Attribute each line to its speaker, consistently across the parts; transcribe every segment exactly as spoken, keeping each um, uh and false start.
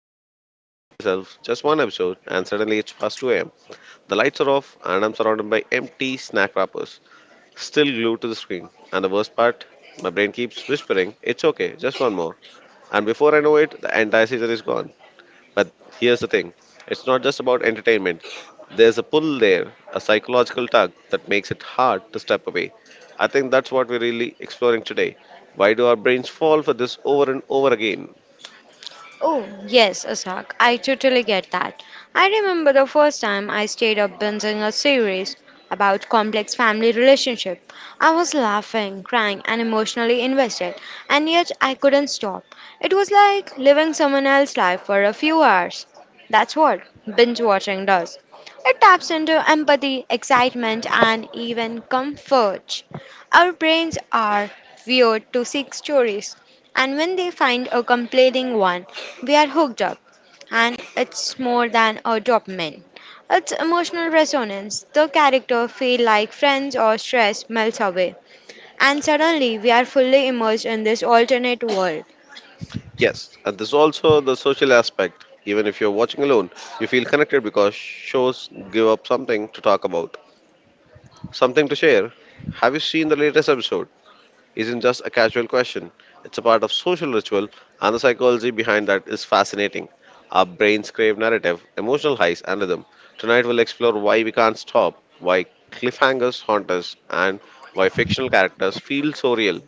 Speaker 1: nights where I promised myself just one episode and suddenly it's past two a m. The lights are off and I'm surrounded by empty snack wrappers, still glued to the screen. And the worst part, my brain keeps whispering, it's okay, just one more. And before I know it, the entire season is gone. But here's the thing, it's not just about entertainment. There's a pull there, a psychological tug that makes it hard to step away. I think that's what we're really exploring today. Why do our brains fall for this over and over again?
Speaker 2: Oh, yes, Asak, I totally get that. I remember the first time I stayed up binging a series about complex family relationship. I was laughing, crying, and emotionally invested, and yet I couldn't stop. It was like living someone else's life for a few hours. That's what binge watching does. It taps into empathy, excitement, and even comfort. Our brains are wired to seek stories and when they find a compelling one, we are hooked up. And it's more than a dopamine. It's emotional resonance. The character feel like friends or stress melts away. And suddenly we are fully immersed in this alternate world.
Speaker 1: Yes, and there's also the social aspect. Even if you're watching alone, you feel connected because shows give up something to talk about, something to share. "Have you seen the latest episode?" isn't just a casual question. It's a part of social ritual, and the psychology behind that is fascinating. Our brains crave narrative, emotional highs, and rhythm. Tonight, we'll explore why we can't stop, why cliffhangers haunt us, and why fictional characters feel so real.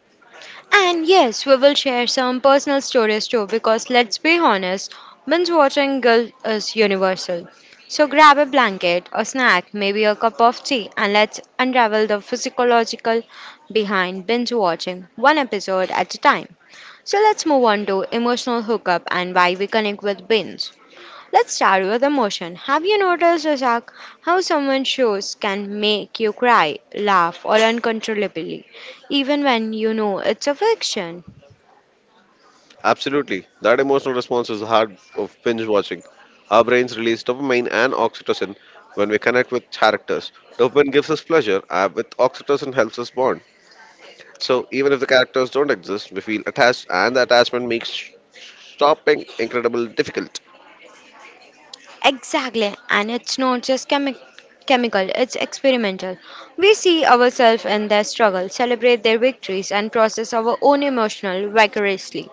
Speaker 2: And yes, we will share some personal stories too, because let's be honest, binge watching guilt is universal. So grab a blanket, a snack, maybe a cup of tea, and let's unravel the physiological behind binge watching, one episode at a time. So let's move on to emotional hookup and why we connect with binge. Let's start with emotion. Have you noticed, Razak, how someone shows can make you cry, laugh, or uncontrollably, even when you know it's a fiction?
Speaker 1: Absolutely, that emotional response is the heart of binge watching. Our brains release dopamine and oxytocin when we connect with characters. Dopamine gives us pleasure, and with oxytocin helps us bond. So even if the characters don't exist, we feel attached, and the attachment makes sh- shopping incredibly difficult.
Speaker 2: Exactly, and it's not just chemi- chemical, it's experimental. We see ourselves in their struggle, celebrate their victories, and process our own emotional vicariously.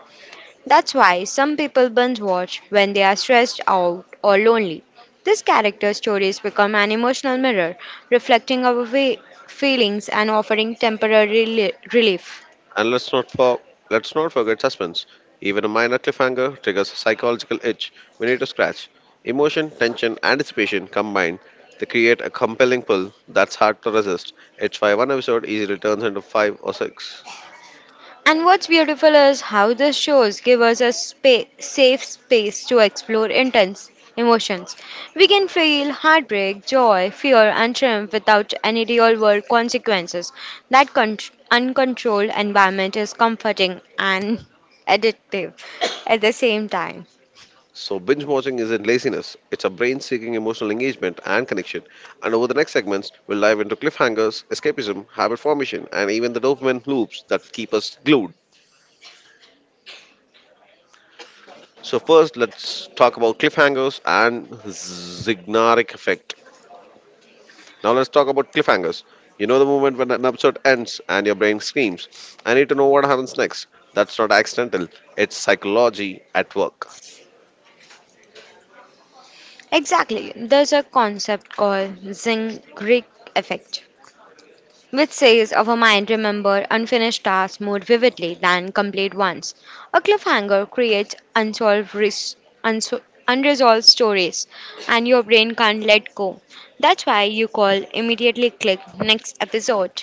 Speaker 2: That's why some people binge watch when they are stressed out or lonely. These character stories become an emotional mirror, reflecting our fe- feelings and offering temporary reli- relief.
Speaker 1: And let's not for let's not forget suspense. Even a minor cliffhanger triggers a psychological itch we need to scratch. Emotion, tension, anticipation combined to create a compelling pull that's hard to resist. It's why one episode easily turns into five or six.
Speaker 2: And what's beautiful is how the shows give us a spa- safe space to explore intense emotions. We can feel heartbreak, joy, fear, and triumph without any real world consequences. That con- uncontrolled environment is comforting and addictive at the same time.
Speaker 1: So, binge watching isn't laziness, it's a brain seeking emotional engagement and connection. And over the next segments, we'll dive into cliffhangers, escapism, habit formation, and even the dopamine loops that keep us glued. So, first, let's talk about cliffhangers and Zignaric effect. Now, let's talk about cliffhangers. You know the moment when an episode ends and your brain screams, I need to know what happens next. That's not accidental, it's psychology at work.
Speaker 2: Exactly, there's a concept called Zing Greek effect which says of a mind remember unfinished tasks more vividly than complete ones. A cliffhanger creates unsolved ris- unso- unresolved stories and your brain can't let go. That's why you call immediately click next episode.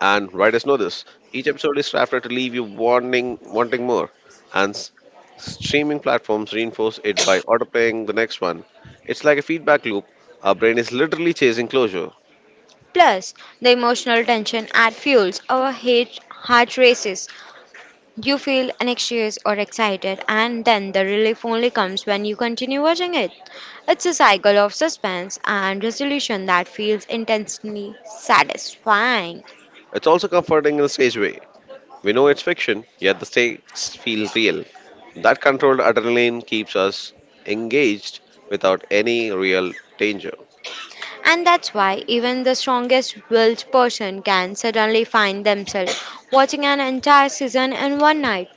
Speaker 1: And writers know this. Each episode is crafted to leave you wanting, wanting more. And s- streaming platforms reinforce it by autoplaying the next one. It's like a feedback loop. Our brain is literally chasing closure.
Speaker 2: Plus, the emotional tension add fuels our hate heart races. You feel anxious or excited, and then the relief only comes when you continue watching it. It's a cycle of suspense and resolution that feels intensely satisfying.
Speaker 1: It's also comforting in a strange way. We know it's fiction, yet the stakes feel real. That controlled adrenaline keeps us engaged without any real danger.
Speaker 2: And that's why even the strongest willed person can suddenly find themselves watching an entire season in one night.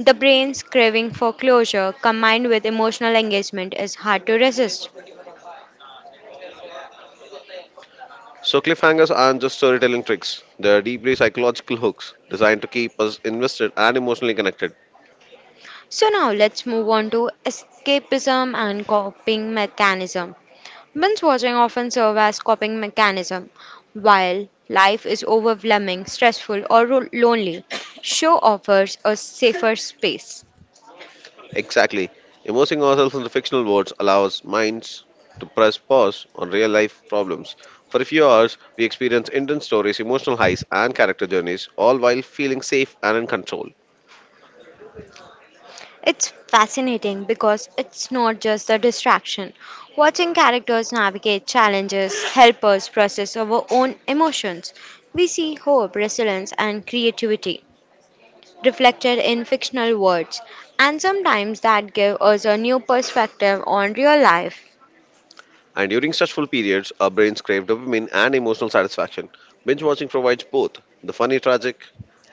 Speaker 2: The brain's craving for closure combined with emotional engagement is hard to resist.
Speaker 1: So, cliffhangers aren't just storytelling tricks, they're deeply psychological hooks designed to keep us invested and emotionally connected.
Speaker 2: So now let's move on to escapism and coping mechanism. Binge watching often serve as coping mechanism. While life is overwhelming, stressful, or ro- lonely, show offers a safer space.
Speaker 1: Exactly. Immersing ourselves in the fictional worlds allows minds to press pause on real life problems. For a few hours, we experience intense stories, emotional highs, and character journeys, all while feeling safe and in control.
Speaker 2: It's fascinating because it's not just a distraction. Watching characters navigate challenges help us process our own emotions. We see hope, resilience, and creativity reflected in fictional words, and sometimes that gives us a new perspective on real life.
Speaker 1: And during stressful periods, our brains crave dopamine and emotional satisfaction. Binge watching provides both the funny, tragic,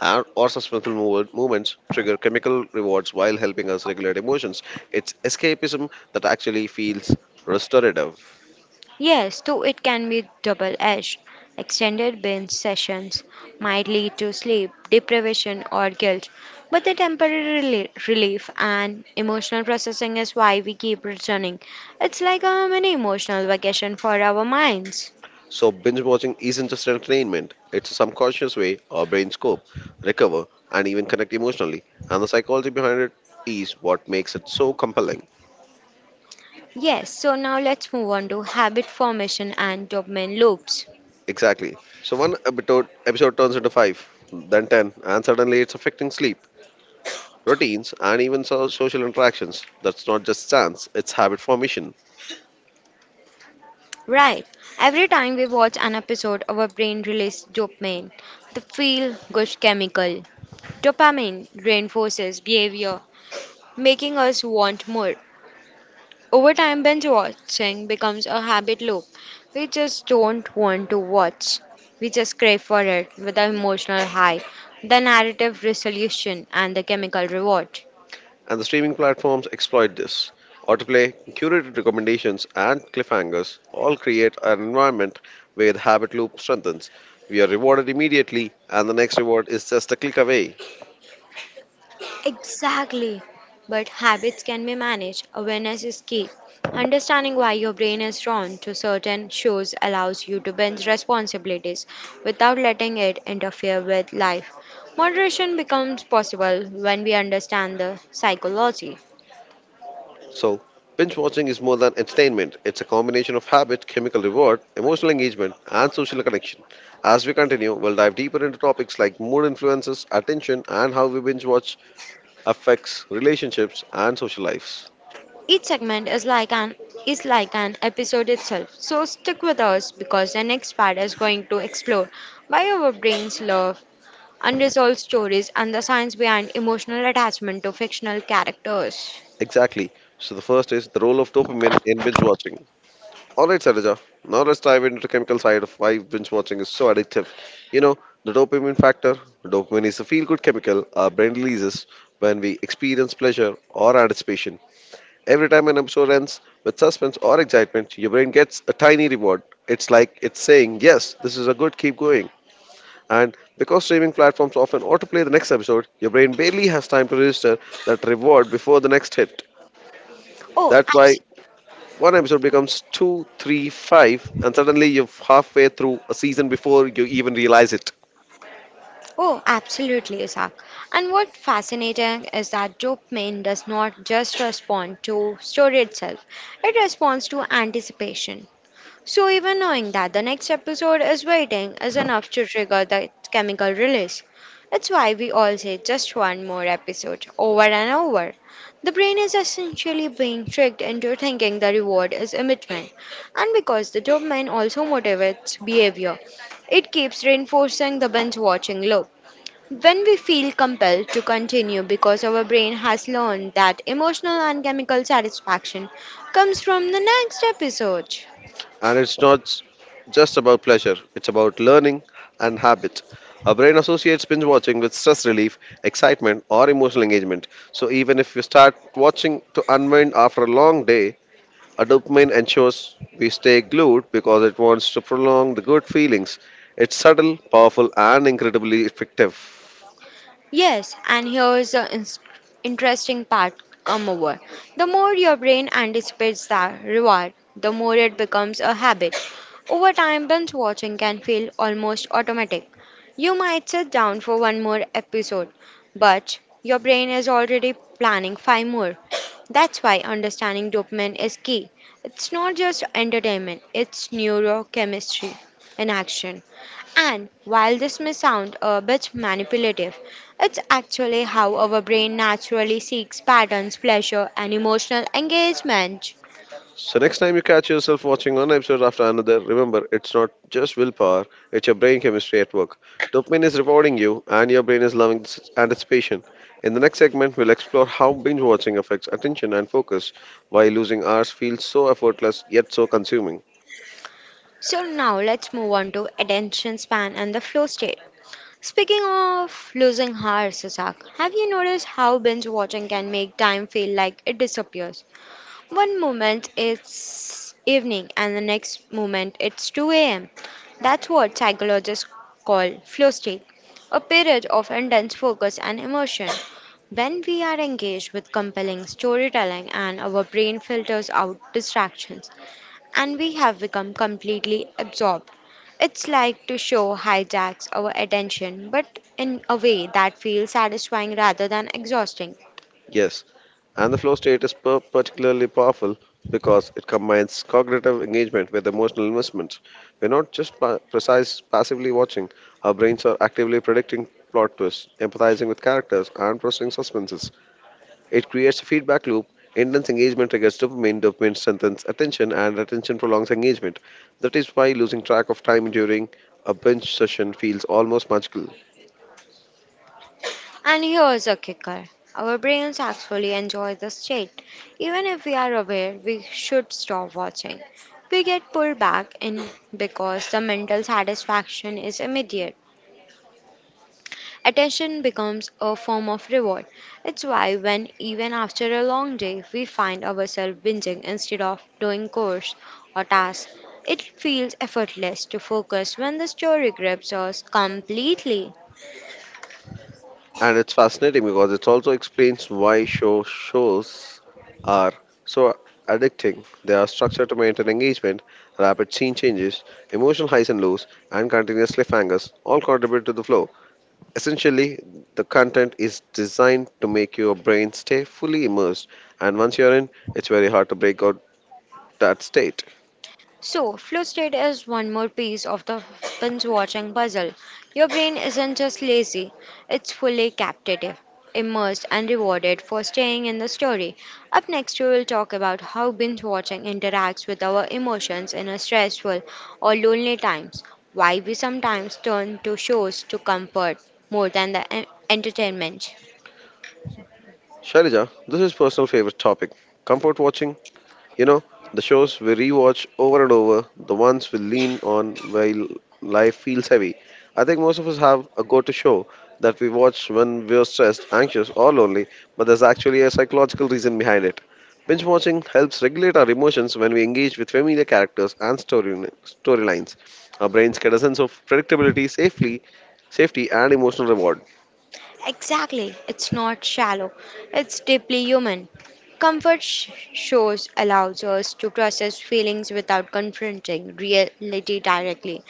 Speaker 1: and or suspenseful mov- movements trigger chemical rewards while helping us regulate emotions. It's escapism that actually feels restorative.
Speaker 2: Yes, too, it can be double edged. Extended binge sessions might lead to sleep deprivation or guilt, but the temporary reli- relief and emotional processing is why we keep returning. It's like a mini emotional vacation for our minds.
Speaker 1: So, binge watching isn't just entertainment, it's a subconscious way our brains cope, recover, and even connect emotionally. And the psychology behind it is what makes it so compelling.
Speaker 2: Yes, so now let's move on to habit formation and dopamine loops.
Speaker 1: Exactly. So, one episode, episode turns into five, then ten, and suddenly it's affecting sleep, routines, and even so- social interactions. That's not just chance, it's habit formation.
Speaker 2: Right, every time we watch an episode, our brain releases dopamine, the feel good chemical. Dopamine reinforces behavior making us want more. Over time, binge watching becomes a habit loop. We just don't want to watch, we just crave for it with the emotional high, the narrative resolution, and the chemical reward.
Speaker 1: And the streaming platforms exploit this. Autoplay, curated recommendations, and cliffhangers all create an environment where the habit loop strengthens. We are rewarded immediately, and the next reward is just a click away.
Speaker 2: Exactly. But habits can be managed. Awareness is key. Understanding why your brain is drawn to certain shows allows you to bend responsibilities without letting it interfere with life. Moderation becomes possible when we understand the psychology.
Speaker 1: So, binge watching is more than entertainment, it's a combination of habit, chemical reward, emotional engagement, and social connection. As we continue, we'll dive deeper into topics like mood influences, attention, and how we binge watch affects relationships and social lives.
Speaker 2: Each segment is like an is like an episode itself. So stick with us because the next part is going to explore why our brains love unresolved stories, and the science behind emotional attachment to fictional characters.
Speaker 1: Exactly. So the first is the role of dopamine in binge watching. All right, Sarija. Now let's dive into the chemical side of why binge watching is so addictive. You know, the dopamine factor. Dopamine is a feel-good chemical our brain releases when we experience pleasure or anticipation. Every time an episode ends with suspense or excitement, your brain gets a tiny reward. It's like it's saying, "Yes, this is a good. Keep going." And because streaming platforms often autoplay the next episode, your brain barely has time to register that reward before the next hit.
Speaker 2: Oh,
Speaker 1: That's why
Speaker 2: abs-
Speaker 1: one episode becomes two, three, five, and suddenly you're halfway through a season before you even realize it.
Speaker 2: oh, absolutely, Isaac. And what's fascinating is that dopamine does not just respond to story itself; it responds to anticipation. So, even knowing that the next episode is waiting is enough to trigger the chemical release. That's why we all say just one more episode over and over. The brain is essentially being tricked into thinking the reward is immediate, and because the dopamine also motivates behavior, it keeps reinforcing the binge watching loop. When we feel compelled to continue because our brain has learned that emotional and chemical satisfaction comes from the next episode.
Speaker 1: And it's not s- just about pleasure, it's about learning and habit. Our brain associates binge watching with stress relief, excitement, or emotional engagement. So even if we start watching to unwind after a long day, our dopamine ensures we stay glued because it wants to prolong the good feelings. It's subtle, powerful, and incredibly effective.
Speaker 2: Yes, and here's the ins- interesting part come over. The more your brain anticipates that reward, the more it becomes a habit. Over time, binge watching can feel almost automatic. You might sit down for one more episode, but your brain is already planning five more. That's why understanding dopamine is key. It's not just entertainment, it's neurochemistry in action. And while this may sound a bit manipulative, it's actually how our brain naturally seeks patterns, pleasure, and emotional engagement.
Speaker 1: So next time you catch yourself watching one episode after another, remember it's not just willpower, it's your brain chemistry at work. Dopamine is rewarding you and your brain is loving this anticipation. In the next segment, we'll explore how binge watching affects attention and focus, why losing hours feels so effortless yet so consuming.
Speaker 2: So now let's move on to attention span and the flow state. Speaking of losing hours, Sasak, have you noticed how binge watching can make time feel like it disappears? One moment it's evening, and the next moment it's two a m. That's what psychologists call flow state, a period of intense focus and emotion. When we are engaged with compelling storytelling and our brain filters out distractions, and we have become completely absorbed. It's like to show hijacks our attention, but in a way that feels satisfying rather than exhausting.
Speaker 1: Yes, and the flow state is per- particularly powerful because it combines cognitive engagement with emotional investment. We're not just pa- precise passively watching; our brains are actively predicting plot twists, empathizing with characters, and processing suspenses. It creates a feedback loop. Intense engagement triggers dopamine, dopamine strengthens attention, and attention prolongs engagement. That is why losing track of time during a binge session feels almost magical.
Speaker 2: And here's a kicker, our brains actually enjoy the state. Even if we are aware we should stop watching, we get pulled back in because the mental satisfaction is immediate. Attention becomes a form of reward. It's why, when even after a long day, we find ourselves binging instead of doing chores or tasks, it feels effortless to focus when the story grips us completely.
Speaker 1: And it's fascinating because it also explains why show shows are so addicting. They are structured to maintain engagement, rapid scene changes, emotional highs and lows, and continuous cliffhangers all contribute to the flow. Essentially, the content is designed to make your brain stay fully immersed, and once you're in, it's very hard to break out that state.
Speaker 2: So, flow state is one more piece of the binge watching puzzle. Your brain isn't just lazy, it's fully captive, immersed, and rewarded for staying in the story. Up next, we will talk about how binge watching interacts with our emotions in a stressful or lonely times, why we sometimes turn to shows to comfort more than the en- entertainment.
Speaker 1: Shailaja, this is personal favorite topic. Comfort watching. You know, the shows we rewatch over and over, the ones we lean on while life feels heavy. I think most of us have a go to show that we watch when we're stressed, anxious, or lonely, but there's actually a psychological reason behind it. Binge watching helps regulate our emotions when we engage with familiar characters and story storylines. Our brains get a sense of predictability, safely, safety, and emotional reward.
Speaker 2: Exactly. It's not shallow, it's deeply human. Comfort sh- shows allows us to process feelings without confronting reality directly.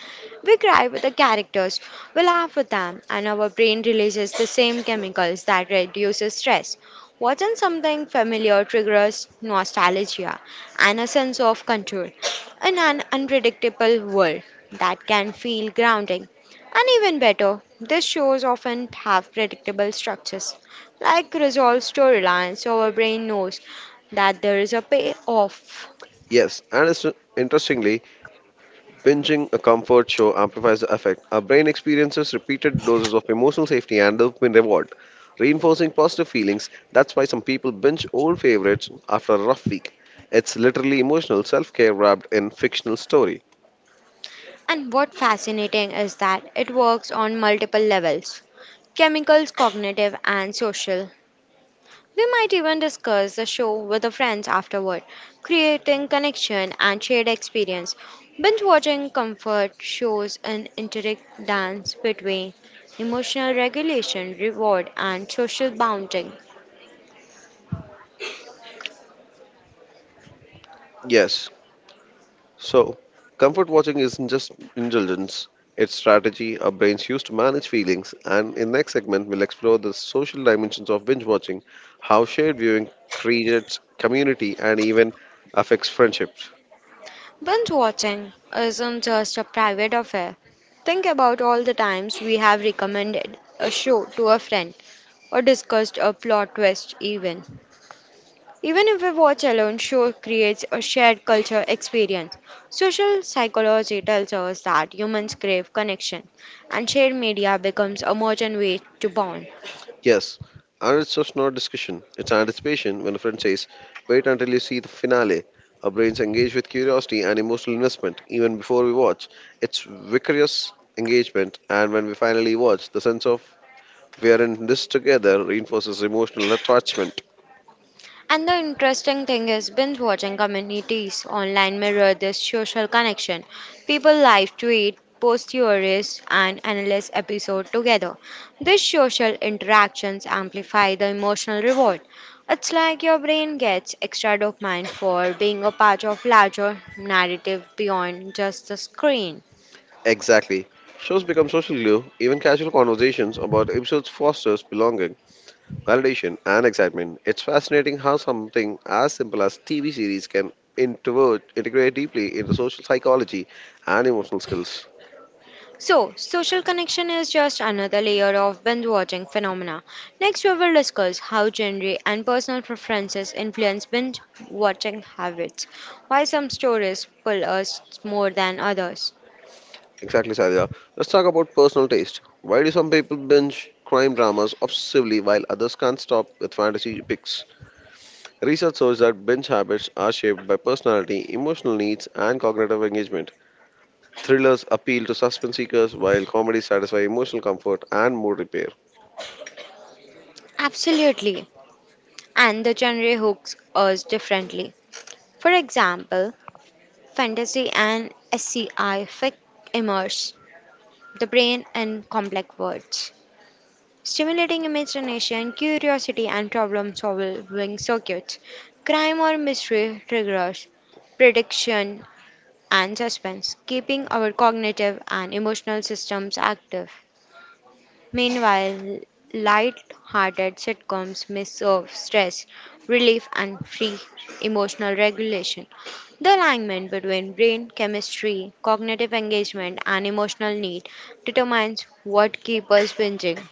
Speaker 2: We cry with the characters, we laugh with them, and our brain releases the same chemicals that reduces stress. Watching something familiar triggers nostalgia and a sense of control in an unpredictable world that can feel grounding. And even better, these shows often have predictable structures, like resolved storylines, so our brain knows that there is a payoff.
Speaker 1: Yes, and it's, interestingly, Binging a comfort show amplifies the effect. Our brain experiences repeated doses of emotional safety and dopamine reward, reinforcing positive feelings. That's why some people binge old favorites after a rough week. It's literally emotional self care wrapped in fictional story.
Speaker 2: And what fascinating is that it works on multiple levels chemicals, cognitive, and social. We might even discuss the show with the friends afterward, creating connection and shared experience. Binge watching comfort shows an intricate dance between emotional regulation, reward, and social bounding.
Speaker 1: Yes. So, comfort watching isn't just indulgence, it's strategy our brains use to manage feelings. And in next segment, we'll explore the social dimensions of binge watching, how shared viewing creates community and even affects friendships.
Speaker 2: Binge watching isn't just a private affair. Think about all the times we have recommended a show to a friend or discussed a plot twist, even. Even if we watch alone, show creates a shared culture experience. Social psychology tells us that humans crave connection, and shared media becomes a modern way to bond.
Speaker 1: Yes, and it's just not discussion, it's anticipation when a friend says, "Wait until you see the finale." Our brains engage with curiosity and emotional investment even before we watch. It's vicarious engagement, and when we finally watch, the sense of we are in this together reinforces emotional attachment.
Speaker 2: And the interesting thing is, binge watching communities online mirror this social connection. People live tweet, post theories, and analyze episode together. These social interactions amplify the emotional reward. It's like your brain gets extra dopamine for being a part of larger narrative beyond just the screen.
Speaker 1: Exactly. Shows become social glue, even casual conversations about episodes fosters belonging, validation, and excitement. It's fascinating how something as simple as T V series can introvert, integrate deeply into social psychology and emotional skills.
Speaker 2: So, social connection is just another layer of binge watching phenomena. Next, we will discuss how genre and personal preferences influence binge watching habits. Why some stories pull us more than others.
Speaker 1: Exactly, Sadia. Let's talk about personal taste. Why do some people binge crime dramas obsessively while others can't stop with fantasy picks? Research shows that binge habits are shaped by personality, emotional needs, and cognitive engagement. Thrillers appeal to suspense seekers, while comedies satisfy emotional comfort and mood repair.
Speaker 2: Absolutely. And the genre hooks us differently. For example, fantasy and SCI fi immerse the brain in complex worlds stimulating imagination, curiosity, and problem solving circuits. Crime or mystery triggers prediction and suspense, keeping our cognitive and emotional systems active. Meanwhile, light hearted sitcoms may serve stress, relief, and free emotional regulation. The alignment between brain chemistry, cognitive engagement, and emotional need determines what keeps us binging.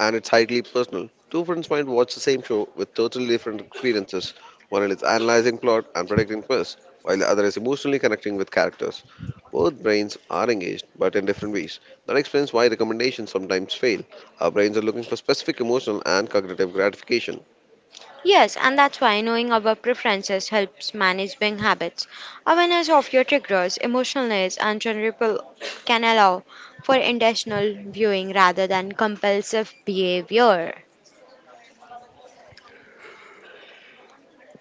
Speaker 1: and it's highly personal. Two friends might watch the same show with totally different experiences. One is analyzing plot and predicting twists, while the other is emotionally connecting with characters. Both brains are engaged, but in different ways. That explains why recommendations sometimes fail. Our brains are looking for specific emotional and cognitive gratification.
Speaker 2: Yes, and that's why knowing our preferences helps manage buying habits. Awareness of your triggers, emotional needs, and general can allow for intentional viewing rather than compulsive behavior.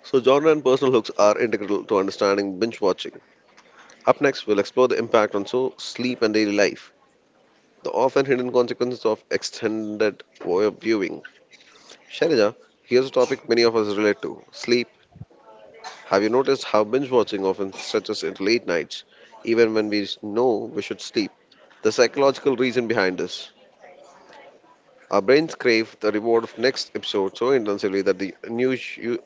Speaker 1: So, genre and personal hooks are integral to understanding binge watching. Up next, we'll explore the impact on so sleep and daily life, the often hidden consequences of extended viewing. Shalija, here's a topic many of us relate to sleep. Have you noticed how binge watching often stretches into late nights, even when we know we should sleep? The psychological reason behind this. Our brains crave the reward of next episode so intensively that the unus- u-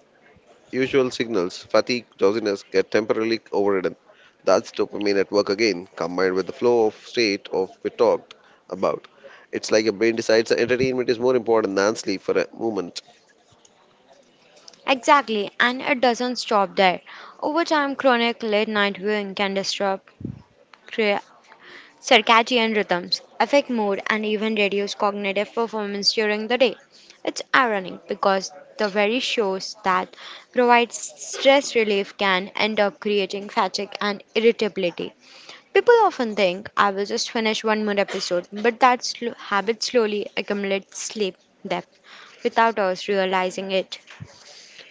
Speaker 1: usual signals, fatigue, drowsiness, get temporarily overridden. That's dopamine at work again, combined with the flow of state of we talked about. It's like your brain decides that entertainment is more important than sleep for a moment.
Speaker 2: Exactly, and it doesn't stop there. Over time, chronic late night viewing can disrupt cre- Circadian rhythms affect mood and even reduce cognitive performance during the day. It's ironic because the very shows that provide stress relief can end up creating fatigue and irritability. People often think I will just finish one more episode, but that sl- habit slowly accumulates sleep debt without us realizing it.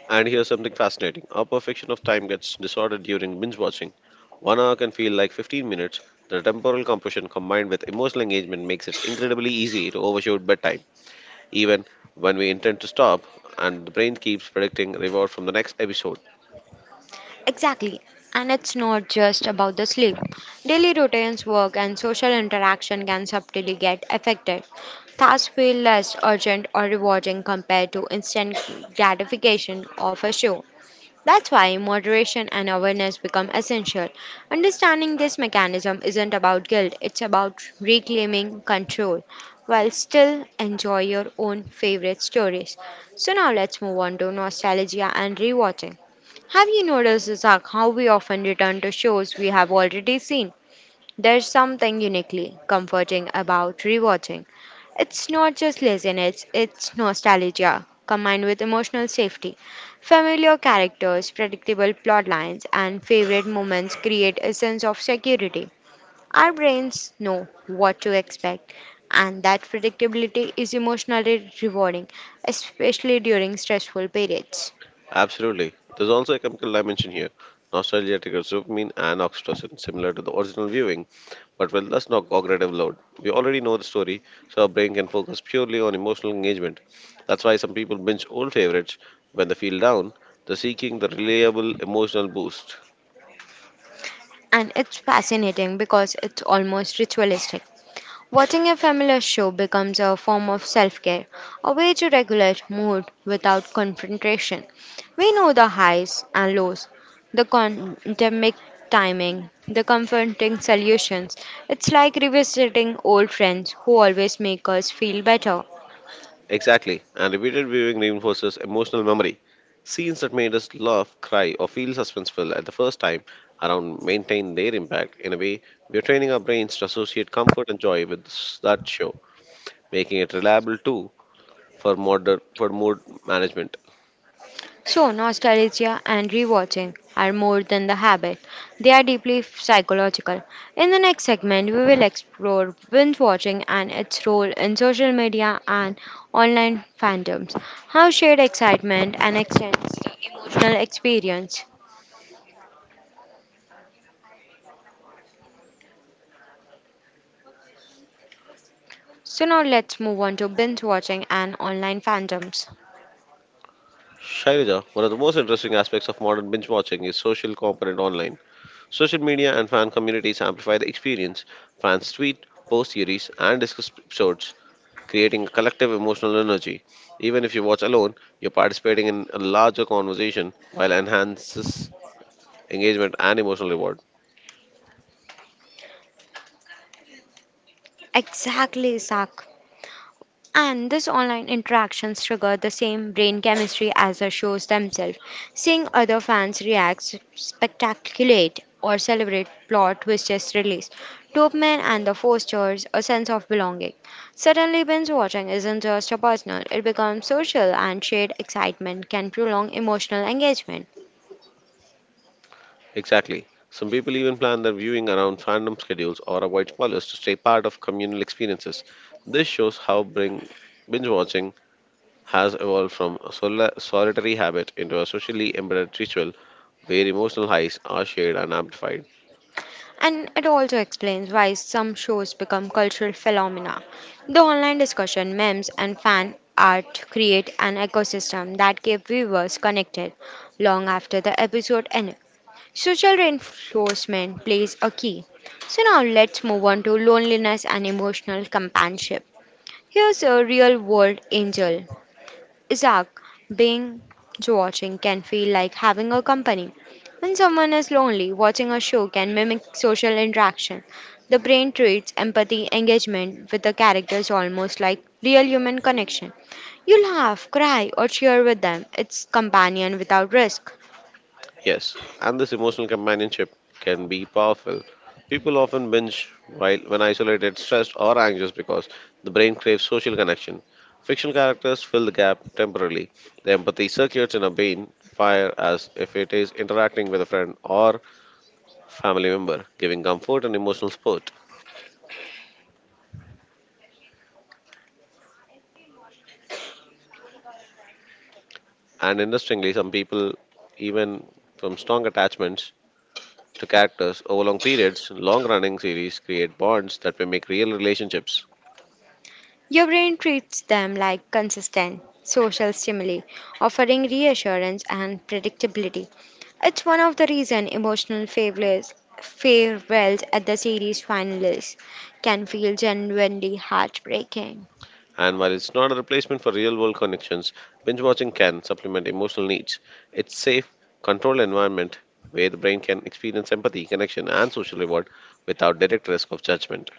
Speaker 1: And here's something fascinating our perfection of time gets disordered during binge watching. One hour can feel like fifteen minutes. The temporal compression combined with emotional engagement makes it incredibly easy to overshoot bedtime, even when we intend to stop, and the brain keeps predicting reward from the next episode.
Speaker 2: Exactly. And it's not just about the sleep. Daily routines, work, and social interaction can subtly get affected. Tasks feel less urgent or rewarding compared to instant gratification of a show. That's why moderation and awareness become essential. Understanding this mechanism isn't about guilt, it's about reclaiming control while still enjoy your own favorite stories. So now let's move on to nostalgia and rewatching. Have you noticed, Zach, how we often return to shows we have already seen? There's something uniquely comforting about rewatching. It's not just laziness, it's nostalgia combined with emotional safety. Familiar characters, predictable plot lines, and favorite moments create a sense of security. Our brains know what to expect, and that predictability is emotionally rewarding, especially during stressful periods.
Speaker 1: Absolutely. There's also a chemical dimension here. Nostalgia triggers dopamine and oxytocin, similar to the original viewing, but with less no- cognitive load. We already know the story, so our brain can focus purely on emotional engagement. That's why some people binge old favorites when they feel down. They're seeking the reliable emotional boost.
Speaker 2: And it's fascinating because it's almost ritualistic. Watching a familiar show becomes a form of self care, a way to regulate mood without confrontation. We know the highs and lows, the pandemic timing, the comforting solutions. It's like revisiting old friends who always make us feel better.
Speaker 1: Exactly, and repeated viewing reinforces emotional memory. Scenes that made us laugh, cry, or feel suspenseful at the first time around maintain their impact. In a way, we are training our brains to associate comfort and joy with s- that show, making it reliable too for modern for mood management.
Speaker 2: So, nostalgia and rewatching are more than the habit, they are deeply psychological. In the next segment, we will explore binge watching and its role in social media and online fandoms, how shared excitement and extends the emotional experience. So, now let's move on to binge watching and online fandoms.
Speaker 1: Shailaja, one of the most interesting aspects of modern binge watching is social component online. Social media and fan communities amplify the experience. Fans tweet, post theories, and discuss episodes, creating a collective emotional energy. Even if you watch alone, you're participating in a larger conversation while enhances engagement and emotional reward.
Speaker 2: Exactly, Zach. And this online interactions trigger the same brain chemistry as the shows themselves. Seeing other fans react, spectaculate, or celebrate plot twists release dopamine and the fosters a sense of belonging. Suddenly, binge watching isn't just a personal; it becomes social, and shared excitement can prolong emotional engagement.
Speaker 1: Exactly. Some people even plan their viewing around fandom schedules or avoid spoilers to stay part of communal experiences. This shows how bring binge watching has evolved from a soli- solitary habit into a socially embedded ritual where emotional highs are shared and amplified.
Speaker 2: And it also explains why some shows become cultural phenomena. The online discussion, memes, and fan art create an ecosystem that keep viewers connected long after the episode ends. Social reinforcement plays a key. So now let's move on to loneliness and emotional companionship. Here's a real world angel Isaac, being watching can feel like having a company. When someone is lonely, watching a show can mimic social interaction. The brain treats empathy engagement with the characters almost like real human connection. You laugh, cry, or cheer with them. It's companion without risk.
Speaker 1: Yes, and this emotional companionship can be powerful. People often binge while when isolated, stressed, or anxious because the brain craves social connection. Fictional characters fill the gap temporarily. The empathy circuits in a vein fire as if it is interacting with a friend or family member, giving comfort and emotional support. And interestingly, some people, even from strong attachments to characters over long periods, long running series create bonds that mimic real relationships.
Speaker 2: Your brain treats them like consistent social stimuli, offering reassurance and predictability. It's one of the reasons emotional failures, farewells at the series finalists can feel genuinely heartbreaking.
Speaker 1: And while it's not a replacement for real world connections, binge watching can supplement emotional needs. It's safe, controlled environment where the brain can experience empathy, connection, and social reward without direct risk of judgment.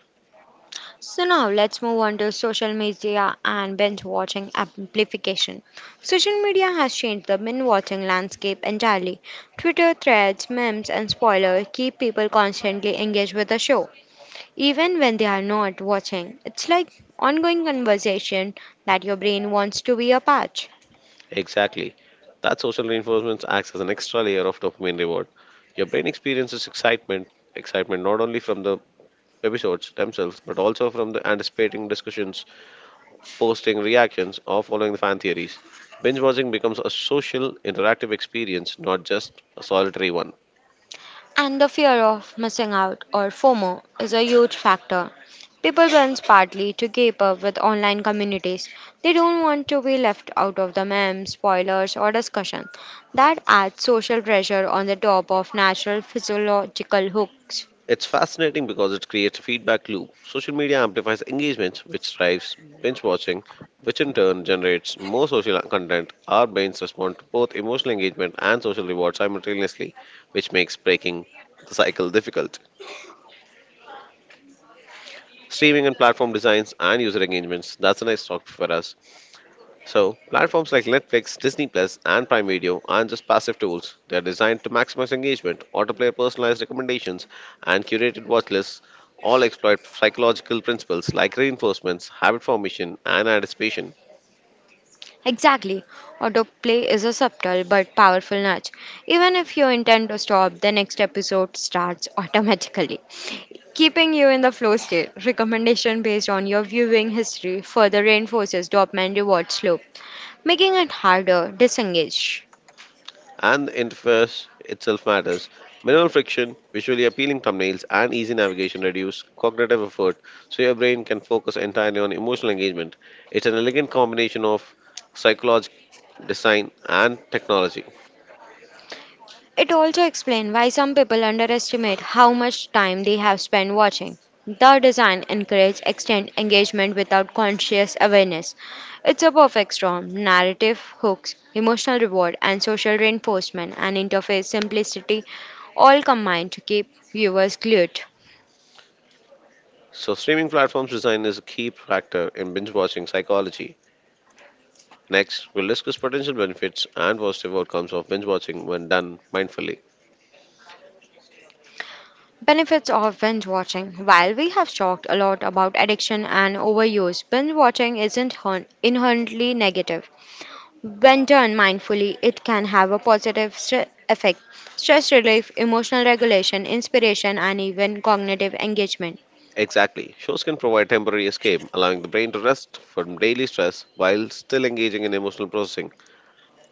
Speaker 2: So now let's move on to social media and binge watching amplification. Social media has changed the binge watching landscape entirely. Twitter threads, memes, and spoilers keep people constantly engaged with the show, even when they are not watching. It's like ongoing conversation that your brain wants to be a part.
Speaker 1: Exactly. That social reinforcement acts as an extra layer of dopamine reward. Your brain experiences excitement, excitement not only from the episodes themselves, but also from the anticipating discussions, posting reactions, or following the fan theories. Binge watching becomes a social, interactive experience, not just a solitary one.
Speaker 2: And the fear of missing out or FOMO is a huge factor. People runs partly to keep up with online communities. They don't want to be left out of the memes, spoilers, or discussion. That adds social pressure on the top of natural physiological hooks.
Speaker 1: It's fascinating because it creates a feedback loop. Social media amplifies engagement, which drives binge watching, which in turn generates more social content. Our brains respond to both emotional engagement and social reward simultaneously, which makes breaking the cycle difficult. Streaming and platform designs and user engagements, that's a nice talk for us. So, platforms like Netflix, Disney Plus, and Prime Video aren't just passive tools. They're designed to maximize engagement, autoplay personalized recommendations, and curated watch lists, all exploit psychological principles like reinforcements, habit formation, and anticipation.
Speaker 2: Exactly. Autoplay is a subtle but powerful nudge. Even if you intend to stop, the next episode starts automatically, keeping you in the flow state. Recommendation based on your viewing history further reinforces dopamine reward slope, making it harder disengage.
Speaker 1: And the interface itself matters. Minimal friction, visually appealing thumbnails, and easy navigation reduce cognitive effort so your brain can focus entirely on emotional engagement. It's an elegant combination of psychological design and technology.
Speaker 2: It also explains why some people underestimate how much time they have spent watching. The design encourages extended engagement without conscious awareness. It's a perfect storm narrative, hooks, emotional reward, and social reinforcement, and interface simplicity all combine to keep viewers glued.
Speaker 1: So, streaming platforms design is a key factor in binge watching psychology. Next, we'll discuss potential benefits and positive outcomes of binge watching when done mindfully.
Speaker 2: Benefits of binge watching. While we have talked a lot about addiction and overuse, binge watching isn't hun- inherently negative. When done mindfully, it can have a positive stre- effect stress relief, emotional regulation, inspiration, and even cognitive engagement.
Speaker 1: Exactly. Shows can provide temporary escape, allowing the brain to rest from daily stress while still engaging in emotional processing.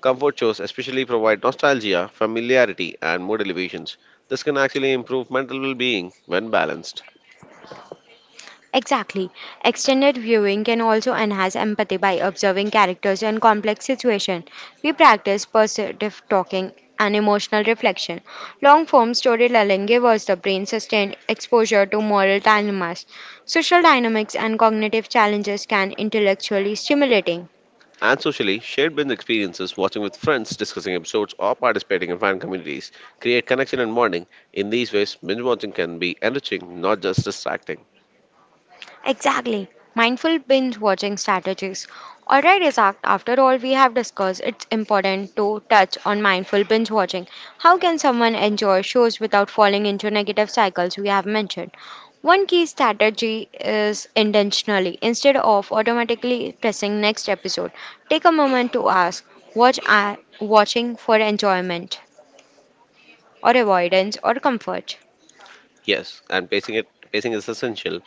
Speaker 1: Comfort shows especially provide nostalgia, familiarity, and mood elevations. This can actually improve mental well being when balanced.
Speaker 2: Exactly. Extended viewing can also enhance empathy by observing characters in complex situations. We practice perceptive talking and emotional reflection. Long form storytelling gives us the brain sustained exposure to moral dilemmas. Social dynamics and cognitive challenges can intellectually stimulating.
Speaker 1: And socially, shared binge experiences, watching with friends, discussing episodes, or participating in fan communities create connection and bonding. In these ways, binge watching can be enriching, not just distracting.
Speaker 2: Exactly. Mindful binge watching strategies. Alright, Isaac, after all we have discussed, it's important to touch on mindful binge watching. How can someone enjoy shows without falling into negative cycles we have mentioned? One key strategy is intentionally, instead of automatically pressing next episode, take a moment to ask what I watching for enjoyment or avoidance or comfort.
Speaker 1: Yes, and pacing it pacing is essential.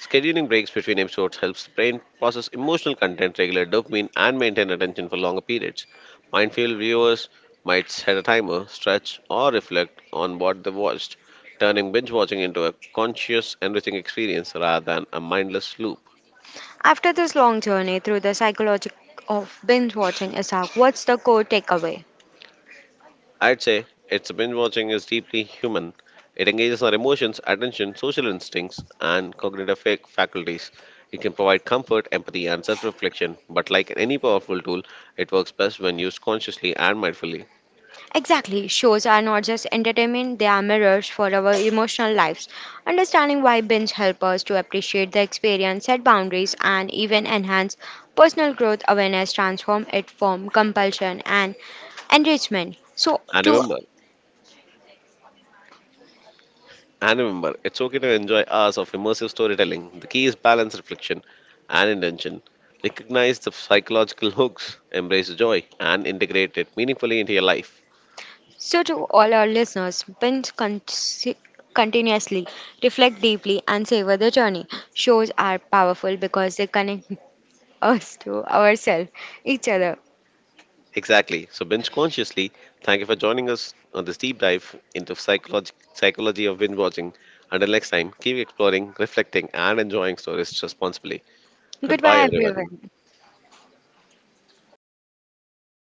Speaker 1: Scheduling breaks between episodes helps the brain process emotional content, regulate dopamine, and maintain attention for longer periods. Mindful viewers might set a timer, stretch, or reflect on what they watched, turning binge watching into a conscious, enriching experience rather than a mindless loop.
Speaker 2: After this long journey through the psychology of binge watching, Isaac, what's the core takeaway?
Speaker 1: I'd say it's binge watching is deeply human. It engages our emotions, attention, social instincts, and cognitive fac- faculties. It can provide comfort, empathy, and self reflection, but like any powerful tool, it works best when used consciously and mindfully.
Speaker 2: Exactly, shows are not just entertainment, they are mirrors for our emotional lives. Understanding why binge help us to appreciate the experience, set boundaries, and even enhance personal growth awareness, transform it from compulsion and enrichment. So,
Speaker 1: And
Speaker 2: to
Speaker 1: remember, and remember, it's okay to enjoy hours of immersive storytelling. The key is balance, reflection, and intention. Recognize the psychological hooks, embrace joy, and integrate it meaningfully into your life.
Speaker 2: So, to all our listeners, binge con- continuously, reflect deeply, and savor the journey. Shows are powerful because they connect us to ourselves, each other.
Speaker 1: Exactly. So, binge consciously, thank you for joining us on this deep dive into psychology, psychology of binge watching. Until next time, keep exploring, reflecting, and enjoying stories responsibly. Goodbye,
Speaker 2: Goodbye,
Speaker 1: everyone.
Speaker 2: everyone.